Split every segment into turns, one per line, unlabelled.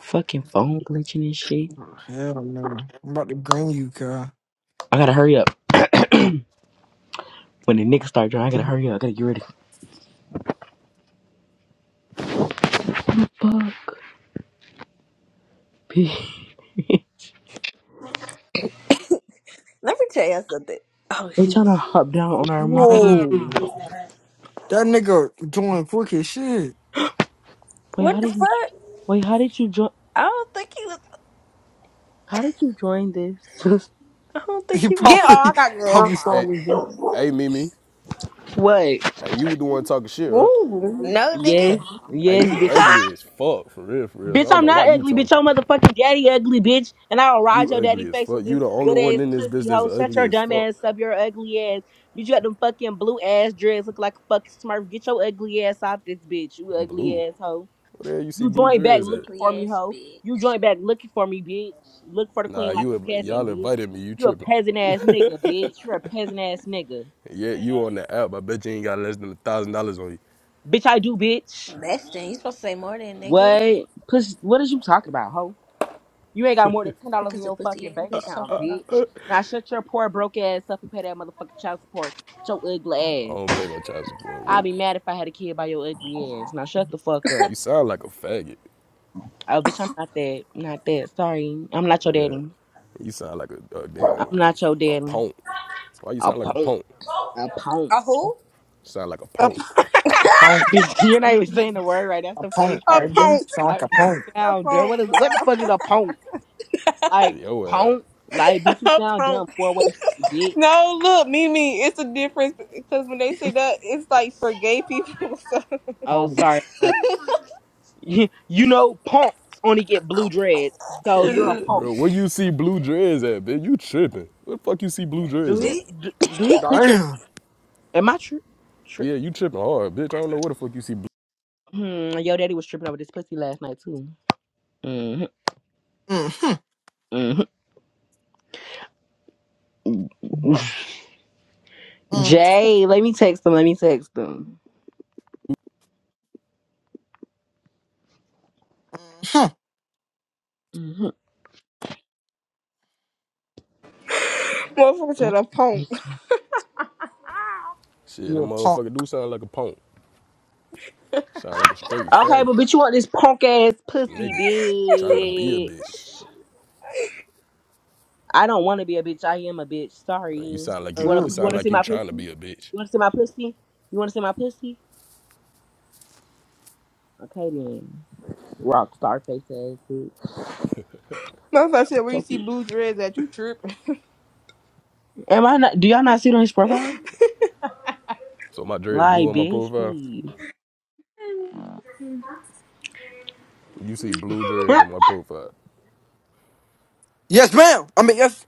Fucking phone glitching and shit.
Oh, hell no. I'm about to bring you, Kyle.
I gotta hurry up. When the niggas start drawing, I gotta hurry up. I gotta get ready. Fuck. they
Let me tell you something. Oh, sh-
trying to hop down on our money.
Whoa. That nigga doing quick as shit.
Wait, how
what the
did you? jo-
fuck?
Wait, how did you join?
I don't think he was.
How did you join this?
I don't think
He
he was.
Get all
probably
I got going
probably
on.
saw
Hey,
this dude.
hey, Mimi.
what?
Hey, you the one talking shit, right?
Ooh.
No, nigga.
Yes,
Hey,
yes,
you
bitch.
ugly as fuck, for real, for real. So I
Bitch,
don't
I'm
know why
not
you
ugly, bitch.
talking.
Your motherfucking daddy ugly, bitch. And I'll ride
You
your daddy
ugly as
face
fuck.
with
You
this
the only
good
one
ass
in this bitch
twisty
that's
hoe. Shut
ugly
your
as
dumb
fuck.
ass up, your ugly ass. Bitch, you got them fucking blue ass dreads, look like a fucking smurf. Get your ugly ass off this bitch, you ugly
Blue.
ass hoe.
Where the hell you see
You
blue
joined back
dreads at?
looking
Ugly
for me,
ass
hoe.
bitch.
You joined back looking for me, bitch. Look for the
Nah,
queen like
you
a
inv-
peasant,
y'all
bitch.
invited me. You
You a
tripping?
peasant ass nigga, bitch. You're a peasant ass nigga.
Yeah, you on the app. I bet you ain't got less than a thousand dollars on you.
Bitch, I do, bitch.
That's thing. You supposed to say more than nigga.
What? Push what is you talking about, hoe? You ain't got more than ten
What
dollars
is
in
is a
your
pussy
fucking
ass
bank
bitch
account,
talking about?
bitch. Now shut your poor broke ass up and pay that motherfucking child support. Your
I
ugly ass.
don't pay no child support.
I'd
Well,
be mad if I had a kid by your ugly ass. Now shut the fuck up.
you sound like a faggot.
Oh bitch, I'm not that. Not that. Sorry. I'm not your
Yeah,
daddy.
you sound like a, a
I'm
damn
not your
a
daddy.
punk. Why you
A
sound like a
punk.
punk?
A punk.
A who?
Sound like a
A,
punk.
a punk.
You're not even saying the word right. That's
A
the funny
punk,
a
part.
nigga.
punk.
Sound
I
like a punk.
A
sound dumb.
punk,
What is what
bro.
the fuck is a punk? Like
Yo, ass.
punk? Like bitch, you
A
sound
punk.
dumb. Four way street, bitch.
No, look, Mimi, it's a difference because when they say that, it's like for gay people. So,
Oh,
Um,
sorry. not th- You know, punks only get blue dreads, so you're a punk.
Bro, where you see blue dreads at, bitch? You tripping. Where the fuck you see blue
Do
dreads at?
his
Did-
do, do his picture?
damn.
Am I tri Tri-
Yeah, you tripping hard, bitch. I don't know where the fuck you see blue.
hmm, yo, daddy was tripping over this pussy last night too. hmm
Mm-hmm.
hmm Jay, let me text him. Let me text him.
Mm-hmm.
hmm
motherfucker said a punk.
Shit, that
You a punk.
motherfucker do sound like a punk. Sound like a straight
Okay,
faggot.
but bitch, you want this punk ass pussy,
Nigga. Trying to be a bitch.
bitch. I don't want to be a bitch. I am a bitch. Sorry.
Uh, You
You
sound like you
want
it
to? You want
sound
to
Ugh.
like
see
you
my pussy?
trying to
You
be a bitch.
want to see my pussy? You want to see my pussy? Okay then. Rock star face ass bitch.
Motherfucker said where
So
you see
cute.
blue dreads at, you tripping.
Am I not? Do y'all not see it on his profile?
So my dreads blue
Like,
on my
bitch,
profile.
please.
You see blue dreads on my profile.
Yes, ma'am. I mean, yes.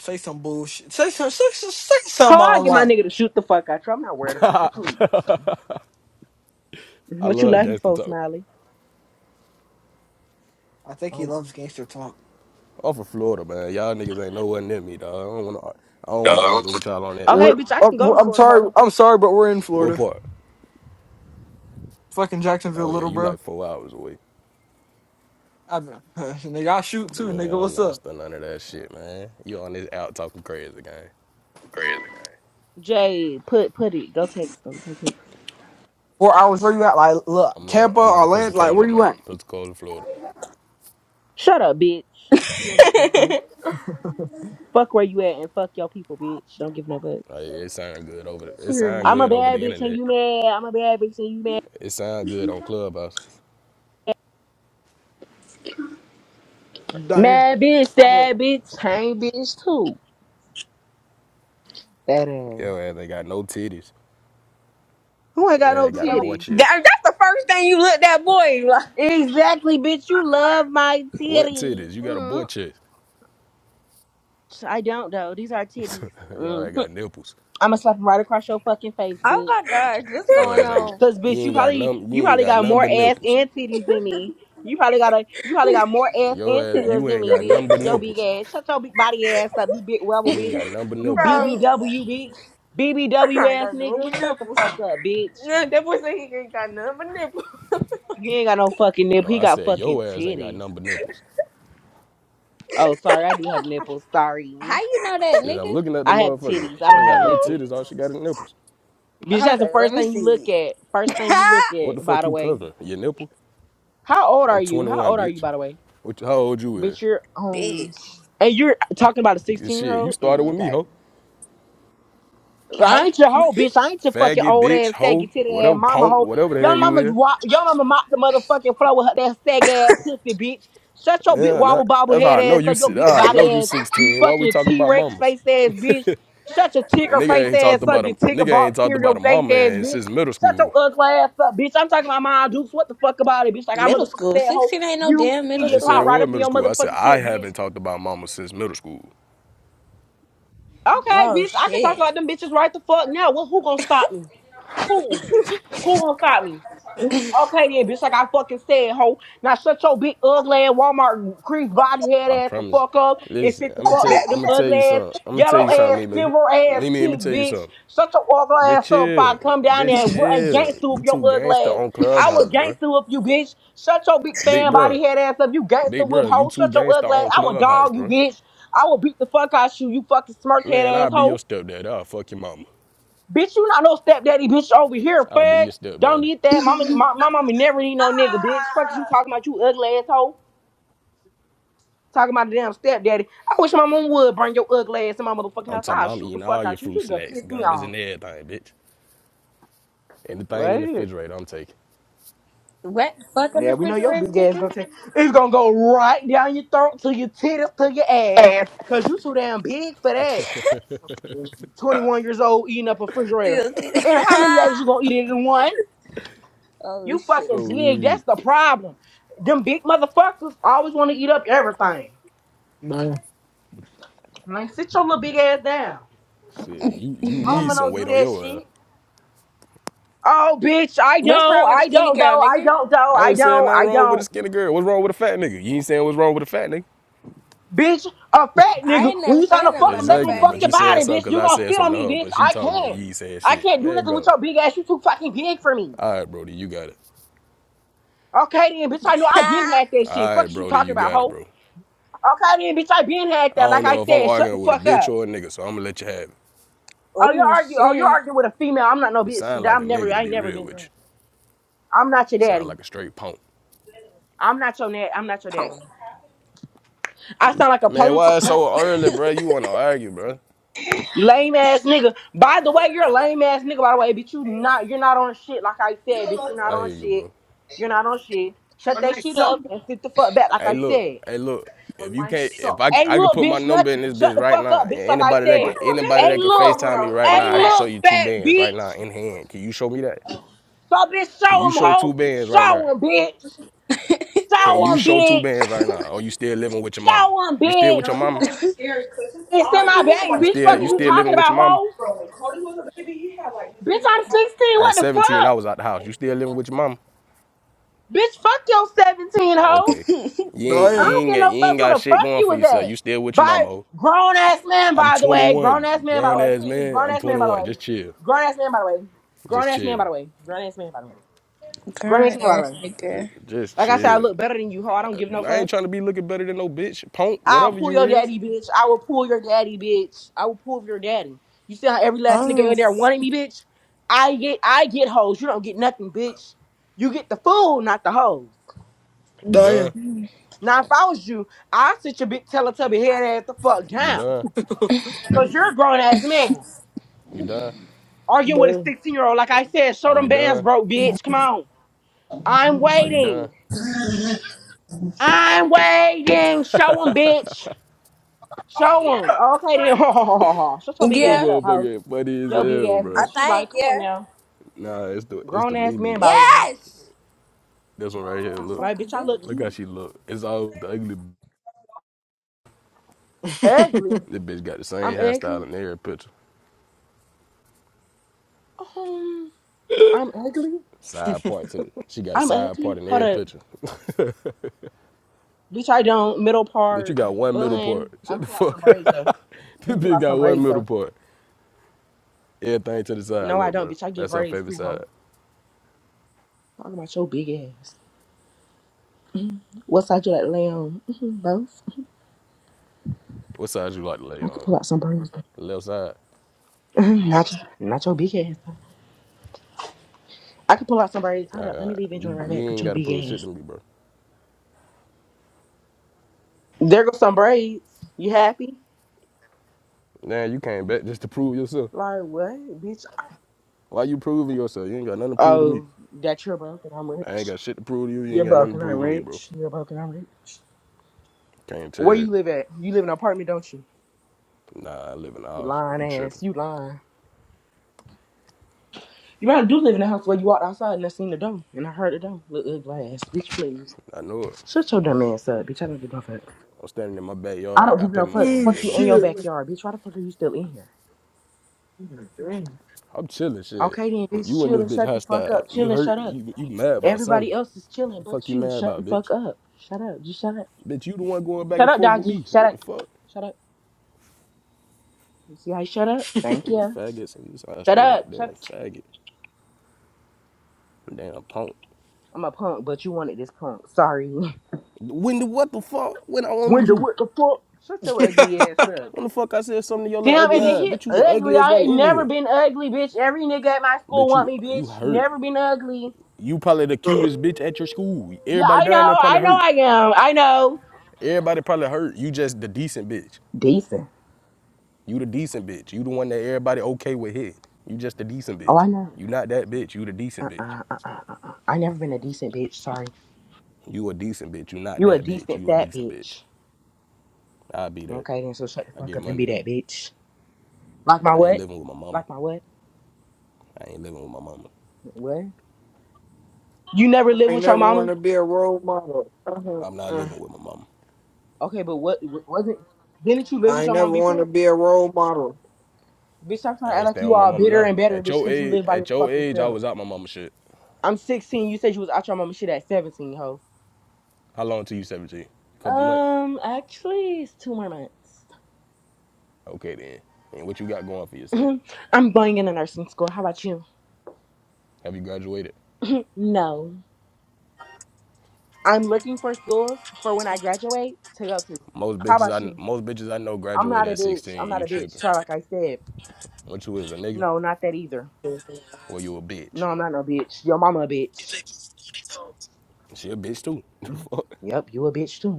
Say some bullshit. Say some. Say, some- say
How
something I
I
don't
get my
like.
nigga to shoot the fuck out you? I'm not worried about you, please.
I
What you
love
laughing
gangster
for,
talk.
Smiley?
I think he
Um,
loves gangster talk.
Off of Florida, man. Y'all niggas ain't nowhere near me, dog. I don't wanna I don't wanna
No.
argue with y'all on that
okay,
We're,
app.
bitch, I
uh,
can go
we're-
to
I'm
Florida,
sorry.
hoe.
I'm sorry, but we're in
What
Florida.
part?
Fucking Jacksonville,
Oh yeah,
little
you
bro.
like four hours away.
I've been, nigga, I shoot too,
Man,
nigga.
I'm
What's
not
up?
still under that shit, man. You on this out talking crazy, gang.
Crazy.
Jay, put put it. Go text them. Go text.
Four hours, where you at? Like, look,
I'm in,
Tampa,
I'm in
Orlando, like,
Pensacola,
where you
man.
at?
Pensacola, Florida.
Shut up, bitch.
Period.
You don't give no fuck. Fuck where you at and fuck your people, bitch. Don't give no fucks.
Like, it sound good over the, it sound
I'm a
good over the
bad bitch and
internet.
you mad. I'm a bad bitch and you mad.
It sound good on Clubhouse.
Down here.
Mad bitch,
Down here.
sad bitch, tame bitch too. That ass.
Yo, ass ain't got no titties.
Who ain't
Yo,
got no
ass got a boy
titties?
chest.
That, that's the first thing you looked that boy like,
Exactly, bitch. You love my
What
titties.
titties? You got a boy
Mm.
chest.
I don't though. These are titties.
Yo,
Mm.
ass got nipples.
I'ma slap slap them right across your fucking face,
oh
bitch.
my god, what's
Yo,
going
ass ain't
on?
Cause
you
bitch, you
ain't got
probably
num you
you
ain't
probably
got
got
none
more
but
ass
nipples.
and titties than me. You probably got a you probably got more ass
Yo,
and
ass
titties
you
than
ain't
me,
got none but
bitch. Yo big
nipples.
ass. Shut your big body ass up, you big rebel
You ain't
bitch.
got none but
You
nipples.
bro.
Ooh.
BBW bitch. BBW
I ain't
ass
got nothing
nigga.
but
Shut the
nipples.
fuck up, bitch.
Nah, That boy said he ain't got nothing but nipples.
He ain't got no fucking
No,
nipple. He
I
got
said
fucking
yo ass ain't got
titties.
none but nipples.
Oh, sorry, I do have nipples. Sorry.
How you know that
Shit, I'm
nigga?
looking at the
I have
motherfucker.
titties. I
She
don't
ain't got
have
no
nipples.
titties. All she got is nipples.
Bitch,
Hold
that's the
on, let
first
me
thing you look
see.
at. First thing you look
What the
at, by
fuck
the
you
way.
covering? Your nipple?
How old
I'm
are you? How
21,
old are you,
bitch.
by the way?
What? How old you is?
Bitch, you're um,
bitch.
and you're talking about a sixteen year
Shit, you
old.
started
Mm,
with me,
okay,
ho.
Well, I
Hope.
ain't your hoe, bitch. I ain't your fucking
Faggot,
old
bitch,
ass
hoe,
saggy titty ass
whatever,
mama
punk,
hoe.
whatever the
Your
hell you
mama,
is.
wa- your mama mop the motherfucking floor with her that sag ass pussy, bitch. Shut your big
Yeah, not,
wobble bobble
that's how
head
I know
ass
you.
up, your
si-
big
ah, I know
body
you
ass. You
16. Why we
fucking
talk
T
about
Rex
mamas?
face ass bitch. Shut your ticker face
nigga ain't talked
ass up,
about a
your ticker
nigga ain't
box
talked about
cereal
a
face
mama
ass
and
bitch.
since middle
Shut
school.
your ugly ass up, bitch. I'm talking about my dukes. What the fuck about it, bitch? Like I
Middle
motherfucking
school.
said, hoe.
16 ain't no
You
damn
can
middle
I
get
ain't say
popped
it
school.
right
was
up in
middle
your
school. I said
motherfucking
I
shit, bitch.
haven't talked about mama since middle school.
Okay,
Oh
bitch, I can talk
shit.
about them bitches right the fuck now. Well, who gonna stop me? Who? Who gonna stop me? Okay, yeah, bitch, like I fucking said, ho. Now shut your big ugly ass Walmart crease body head
I
ass the
promise.
fuck up and
Listen,
sit the
I'm gonna
fuck
tell you,
back
I'm
them
gonna tell
ugly
you
ass,
something. I'm gonna tell
yellow
you
ass,
something, Mimi.
silver ass
Mimi, let me
teeth,
tell you
bitch.
something.
Shut your ugly
Just
ass up if
chill.
I come down there
Just
and, wo- and
chill.
gangster
You
up your
two
ugly
gangster
ass.
on
I will
Clubhouse, bro.
gangster up you, bitch. Shut your big
Big
fan
bro.
body head ass up, you gangster
Big
whoop
bro, you
hoe.
two
Shut your
gangster
ugly ass.
on
I will
Clubhouse,
dog you,
bro.
bitch. I will beat the fuck out you, you fucking smirk head
Man, I'll be
asshole.
your stepdaddy. I'll fuck your mama.
Bitch, you not no stepdaddy, bitch, over here,
I'll be
fuck.
your
Don't
stepdaddy.
need that. Mama, my, my mama never need no nigga, bitch. Fuck you talking about, you ugly asshole. Talking about the damn stepdaddy. I wish my mom would bring your ugly ass to my motherfucking
I'm
house.
talking
I'll
about I'm
shoot the
eating all
fuck
your
out you.
fruit
You done
snacks,
pissed me
gummies
off.
and everything, bitch. Anything in the
What?
refrigerator, I'm taking.
What fucking
Yeah, we know your
refrigerator,
big ass
nigga.
gonna take. It's gonna go right down your throat to your titties to your ass. Cause you too damn big for that. 21 years old eating up a refrigerator.
Still titty.
And how many days you gonna eat it in one?
oh
You
shit.
fucking
Oh,
big.
yeah.
That's the problem. Them big motherfuckers always want to eat up everything.
Down here.
Like, sit your little big ass down.
Shit, you, you
My
Down
need
mama
here.
some
don't do
weight on
that
your ass.
shit. Oh, bitch, I
What's
don't.
wrong with a
I
skinny
don't,
girl,
though. I
nigga?
don't, though.
I
I
ain't saying
don't.
nothing
I
wrong with a
don't.
skinny girl. What's wrong with a fat nigga? You ain't saying what's wrong with a fat nigga.
Bitch, a fat
I
nigga,
ain't
when
never
you trying to
said nothing
fuck
about
them, they
no
gonna
Exactly,
fat
fuck
but
your
you
nigga.
saying
body,
something
bitch.
because
You
I
gonna
said
sit on
something
me,
to her,
bitch.
but she
I
talking, and
can't.
you ain't saying
I
shit.
can't do
There you
nothing with
go.
your big ass. You too fucking big for me.
All right, Brody, you got it.
Okay, then, bitch, I know I been had that shit.
All right,
Fuck is you
Brody,
talking
you
about,
got it,
hoe?
bro.
Okay, then, bitch, I been had
I
that.
don't
Like I
know if I'm
said, shut the
arguing with a
fuck up.
bitch or a nigga, so I'm gonna let you have it.
Oh, you're
oh
arguing. Oh, you're
shit.
arguing with a female. I'm not no
You
bitch.
sound like a
I'm never.
nigga to
I ain't
be
never
real
been.
with you.
I'm not your
You sound
daddy.
like a straight punk.
I'm not your dad. I'm not your
Punk.
daddy. I sound like a
Man,
punk,
What's a
why it's
punk?
so early, bro? You wanna argue, bro?
lame ass nigga. By the way, you're a lame ass nigga. By the way, bitch, you not. You're not on shit. Like I said, bitch,
Bruno,
you're not
I
on
hear you,
shit.
bro.
You're not on shit. Shut
On
that
my
shit
sock.
up and sit the fuck back. Like
Hey,
I
look,
said.
hey, look.
On
If you
my
can't, if
sock.
I, I
Hey,
could
look,
put my
bitch,
number in
nothing.
this
Shut
bitch
the
right
fuck
now,
up,
and
bitch. Like I
anybody that can,
said.
anybody
baby.
Hey,
that can
Come
look.
on,
Facetime me
Bruno.
right
Where
Hey,
now,
you
I can show
at?
look,
you two
fat
bands right now
bitch.
in hand. Can you show me that?
So, bitch,
Can
show
you
him,
show two
hoe.
bands right now?
Show him, bitch.
Can
Show
you
him,
show two bands
bitch.
right now? Or you still living with your mama?
Show one,
You still with
No,
your
bitch.
he's gonna
mama?
be scared because his
It's in
arm
my
is
bag.
like
You
Bitch,
this is your
still,
fuck
you
is you
oldest
still living
talking
with your
about,
mama?
hoe?
bro. When Cody was a baby, he had like his
Bitch,
hands on.
I'm 16.
At
What the
17, I
fuck?
was out the house. You still living with your mama?
Bitch, fuck your 17,
Oh,
hoe.
okay. You ain't,
I
you
Damn.
don't
ain't,
get
got-
no
you ain't
fucks
got
where the
shit
fuck
going
you
for
was
yourself. You
at.
still with your mama.
By
oh.
grown ass man,
I'm
by the way. Grown
21,
ass man, by the
grown
way.
ass
Please.
man.
Grown
I'm
ass man, by the
21.
way.
Just chill.
Grown ass man, by the way. Grown
Just
ass man,
chill.
by the way. Grown ass man, by the way. Grown ass
Girl
man, by the
ass
way.
nigga.
Just
Like I said, I
chill.
look better than you, hoe. I don't give no
I ain't
fucks.
trying to be looking better than no bitch. Punk,
I'll
whatever
pull
you
your
is.
daddy, bitch. I will pull your daddy, bitch. I will pull your daddy. You see how every last nigga
Oh.
in there wanted me, bitch? I get I get hoes. You don't get nothing, bitch. You get the fool, not the hoes.
You done?
Damn.
Now if I was you, I'd sit your big teletubby head ass the fuck
You
down.
done?
Cause you're a grown ass man.
You done?
Arguing with a
Damn.
16 year old, like I said, show
Are
them
you
bands
done?
broke, bitch. Come on. I'm
Are you done?
waiting. I'm waiting. Show them, bitch. Show them. Okay then. Shut your big
This
ass
Yeah.
up, ho.
motherfucker funny as
Yo, big
hell,
ass
I
bro.
bitch, you
think,
like, come on
yeah.
now.
Nah, it's the it's the
Grown ass
Mimi
man, by the
one.
way.
Yes!
This one right here,
My
look.
Like,
fucking
bitch, I
goodness.
look
Look how
cute.
she look. It's all the ugly. b-
Ugly.
This bitch got the same
I'm
hairstyle
ugly.
in every picture.
Um, I'm ugly.
Side part to the, she got a
I'm
side
ugly.
part in
Hold
every
up.
picture.
Bitch, I don't. Middle
Bitch, you
part,
got one middle part.
bun. I'm
Shut the
pull out some
fuck up.
braids, though. Let
this
me pull
bitch
out
got
some
one
braids,
middle
though.
part. Everything to the side,
No, I
look,
don't,
bro.
bitch. I get
That's her
braids,
favorite
too, ho.
side.
Talking about your big ass. Mhm. What side you like to lay on? Mhm, Both.
What side you like to lay
I could
on?
pull out some braids, though.
The left side.
Mhm, not, your, not your big ass, though. I could pull out some braids.
All
Hold up. Let me
right.
leave and join
You,
right
you
back with
ain't
your
gotta
big
prove
ass.
shit to me, bro.
There go some braids. You happy?
Now you came back just to prove yourself.
Like what, bitch?
Why you proving yourself? You ain't got nothing to prove to me.
Oh, that you're broke and I'm
I ain't
rich.
got shit to prove to you. You
You're
ain't got nothing
broke
to
and I'm
prove to me, bro.
rich. You're broke and I'm rich.
Can't tell
Where
you.
you live at? You live in an apartment, don't you?
Nah, I live in the
You
house.
lying
You tripping?
ass. You lying. You probably do live in a house where you walked outside and I seen the door and I heard the door. Look ugly ass, bitch. Please
I know it.
shut your dumb ass up, bitch. I don't give no fuck.
I'm standing in my
I
backyard.
don't
I
give
pay
no
my
fucks.
own
oh
Fuck
bills.
you in
What you
your
do?
shit.
backyard, bitch. Why the fuck are you still in here?
Damn.
I'm chilling, shit.
Okay then, bitch.
You in
Chill
this
and
bitch
shut the fuck
hostile.
up. Chill
You
and
hurt.
shut up.
You you mad about something?
Everybody else is
What
chilling,
The fuck
but
you
you.
mad
Shut the
about,
fuck
bitch?
up. Shut up. Just shut up.
Bitch, you the one going back
Shut
and
up,
forth with
doggy.
me.
Shut
What the
up.
fuck?
Shut up. You see how you shut up? Thank
Them
you.
faggots and you sound
Shut
straight like a
up.
damn
Shut up.
faggot. A Damn punk.
I'm a punk, but you wanted this punk. Sorry.
When the what the fuck? When I wanted
Wonder
you?
what the fuck? Shut your ugly ass up.
When the fuck I said something to your little
Damn,
ugly
and
I
then
ass?
he
Bitch, you the
ugly.
ugliest
I
one
ain't
in
never
here.
been ugly, bitch. Every nigga at my school
Bitch,
want
you
me,
you
bitch.
hurt.
Never been ugly.
You probably the cutest bitch at your school.
Yeah,
Everybody
I
down there
know.
probably
I know
hurt.
I am. I know.
Everybody probably hurt. You just the decent bitch.
Decent.
You the decent bitch. You the one that everybody okay with hit. You just the decent
Oh,
bitch.
I know.
You not that bitch. You the decent bitch.
Uh-uh, uh-uh, uh-uh. I never been a decent bitch. Sorry.
You a decent bitch. You not
You a
that bitch.
decent
You a
fat
decent bitch.
bitch.
I be that.
Okay, then so shut the
I
fuck
get
up and
money
be
though.
that bitch. Like my
I ain't
what?
living with my mama.
Like my what?
I ain't living with my mama.
What? You never lived
ain't
with your
never wanted
mama?
to be a role model. Uh-huh.
I'm not
Uh,
living with my mama.
Okay, but what w- wasn't? Didn't you live
I
with
ain't
your mom
never wanted to
before?
be a role model.
Bitch, stop trying
I
to act
ain't
like
staying
you
with my
all
mama
bitter
now.
and better,
At
bitch,
your
because you
age,
live by your
at your
fucking
age, I
self.
was out my mama shit.
I'm 16. You said you was out your mama shit at 17, ho.
How long till you 17? A Couple months.
Um, actually, it's two more months.
Okay then. And what you got going for yourself?
Mhm. I'm going into nursing school. How about you?
Have you graduated?
No. I'm looking for schools for when I graduate to go to.
Most
How
bitches
about
I
you?
most bitches I know
I'm
graduate
not a
at
bitch. I'm
16.
not
You
a bitch.
tripping?
Try like I said.
What you is a nigga?
No, not that either.
Or you a bitch?
No, I'm not no bitch. Your mama a bitch.
She a bitch too.
Mhm. Yep, you a bitch too.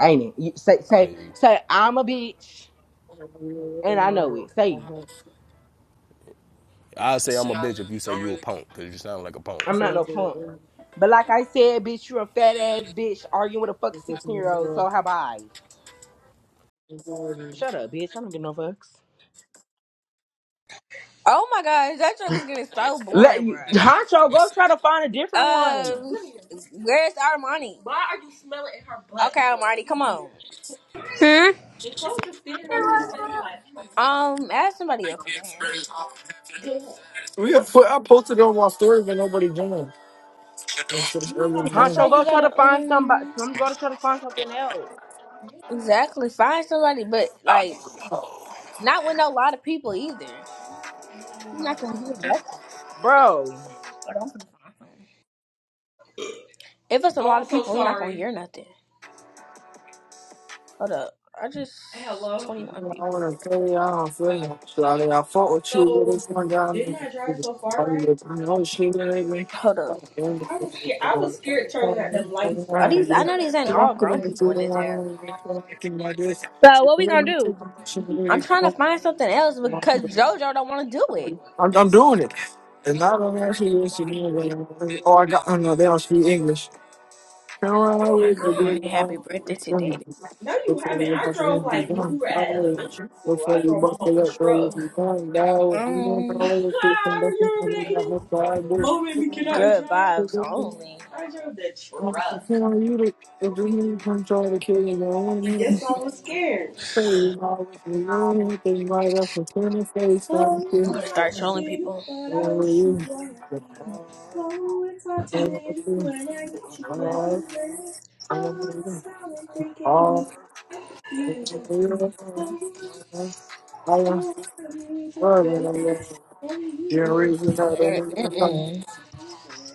Ain't it? You say say
I
say I'm a bitch and I know
model.
it. Say it.
Uh-huh. You know
I
how to
say I'm
say
a
I love
bitch if you
it.
say
Don't
you
really
a
care.
punk, cause you sound like a punk.
I'm
That's
not
what I
no
said it
punk.
was.
But like I said, bitch, you're a fat ass bitch arguing with a fucking
It's just
sixteen
in
year
the
old. So
world.
how about I?
It's already-
Shut up, bitch. I don't give no fucks.
Oh my gosh, that joint was getting so
Let
boring,
you,
bruh.
Honcho go try to find a different one.
Um, where's Armani? Why are you smelling in her butt? Okay, Armani, come on.
hmm?
And Chloe just standing over his face like. hmm. Um, ask somebody else up in here. Yeah.
We have put, I posted it on my story, but nobody joined. said it's early in the
That's why
morning.
Honcho
you
go try to
gotta
find somebody.
um
Some go to try to find something else,
exactly find somebody, but like not with a lot of people either. You're not gonna hear nothing.
bro.
Hold on for the phone. If it's a lot of I'm so people, so you're not gonna hear nothing. Hold up. I just Hello? 21
You know, I
people.
want to tell you, I don't feel like it. Shawty, I fought with you, but
So
this one guy, I
didn't I drive so far,
you
right?
this. I know, she didn't hate me.
Hold up.
I'm going to tell
I was
you,
scared.
I'm
I was
going to
scared turning
tell
at them lights,
you,
bro. Are I
I'm going to
these?
tell
I
you.
know these ain't
I'm
so all
not
grown
feeling the
people
truth,
in
and
this
I
era.
don't really feel like it's really not only this one, I can do this.
So,
So,
what we
we're
gonna
gonna take
do?
a motion,
I'm trying to
we're
find something else
gonna
because
come on.
JoJo don't want to do it.
I'm, I'm doing it.
No,
And
I'm
not only
doing
that, she
like a
is, she
lot
knew that.
now.
Oh, I got, oh no, they don't speak English. Come
Oh my Good god! morning, happy birthday to today. No, you haven't. I drove like when we were at
Oh,
elementary school. I drove my mama a truck. Mm, you remember that? Eden? Mom made me get out and good and drive. vibes only. I drove the truck.
no
And yes, I was scared.
right
I'm gonna Start trolling people.
you?
Oh, it's hard to live when I get you
You're reason
everywhere. Oh, that's how I'm thinking. Oh, it's more than you.
that they never come.
Mm-mm.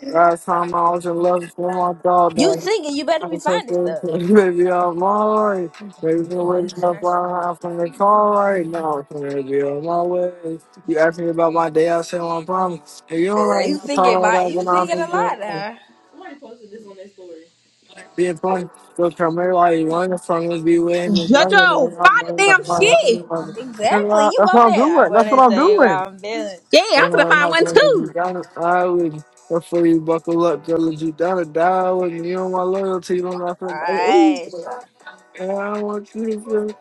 Last time I was in love with my dog,
You
man.
singing, you better
I
be
was so
finding stuff.
thankful. baby, I'm alright. Baby,
New
been waking
motion, I
up
should-
right now from the car right now. Baby, on my way. You asked me about my day, I said, well, I promise. If you don't
Are You
like me,
singing,
call it
my,
out
you
when I'm
singing a lot
in
now. Somebody posted this on their story.
Be upon the camera while you want the song will be way. That's what
Jojo,
I'm
find the
doing.
damn
That's
shit.
Exactly, you
what
over
I'm
there. I
doing.
want
That's
to
what I'm
tell you
doing.
how I'm feeling.
Yeah, I'm
Don't
gonna
know
find
how to
one
let you
too.
down. I would before you buckle up, girl, let you down or die with me. You my loyalty, you don't want nothing. Hey, ooh.
Alright. so,
And I don't want you to feel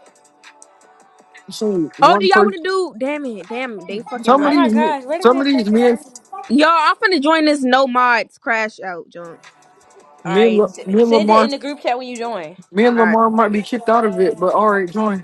so
Oh, do
one
y'all
person.
wanna do? Damn it, damn it, they fucking
Some of
Oh
left.
my
these, ni-
gosh, what is
some of
this
these, men,
freaking
Y'all, I'm finna join this no mods crash out junk.
me and,
Alright,
La- me
s-
and
send it
Lamar,
in the group chat when you join.
me and
All right.
Lamar might be kicked out of it. But all right, join.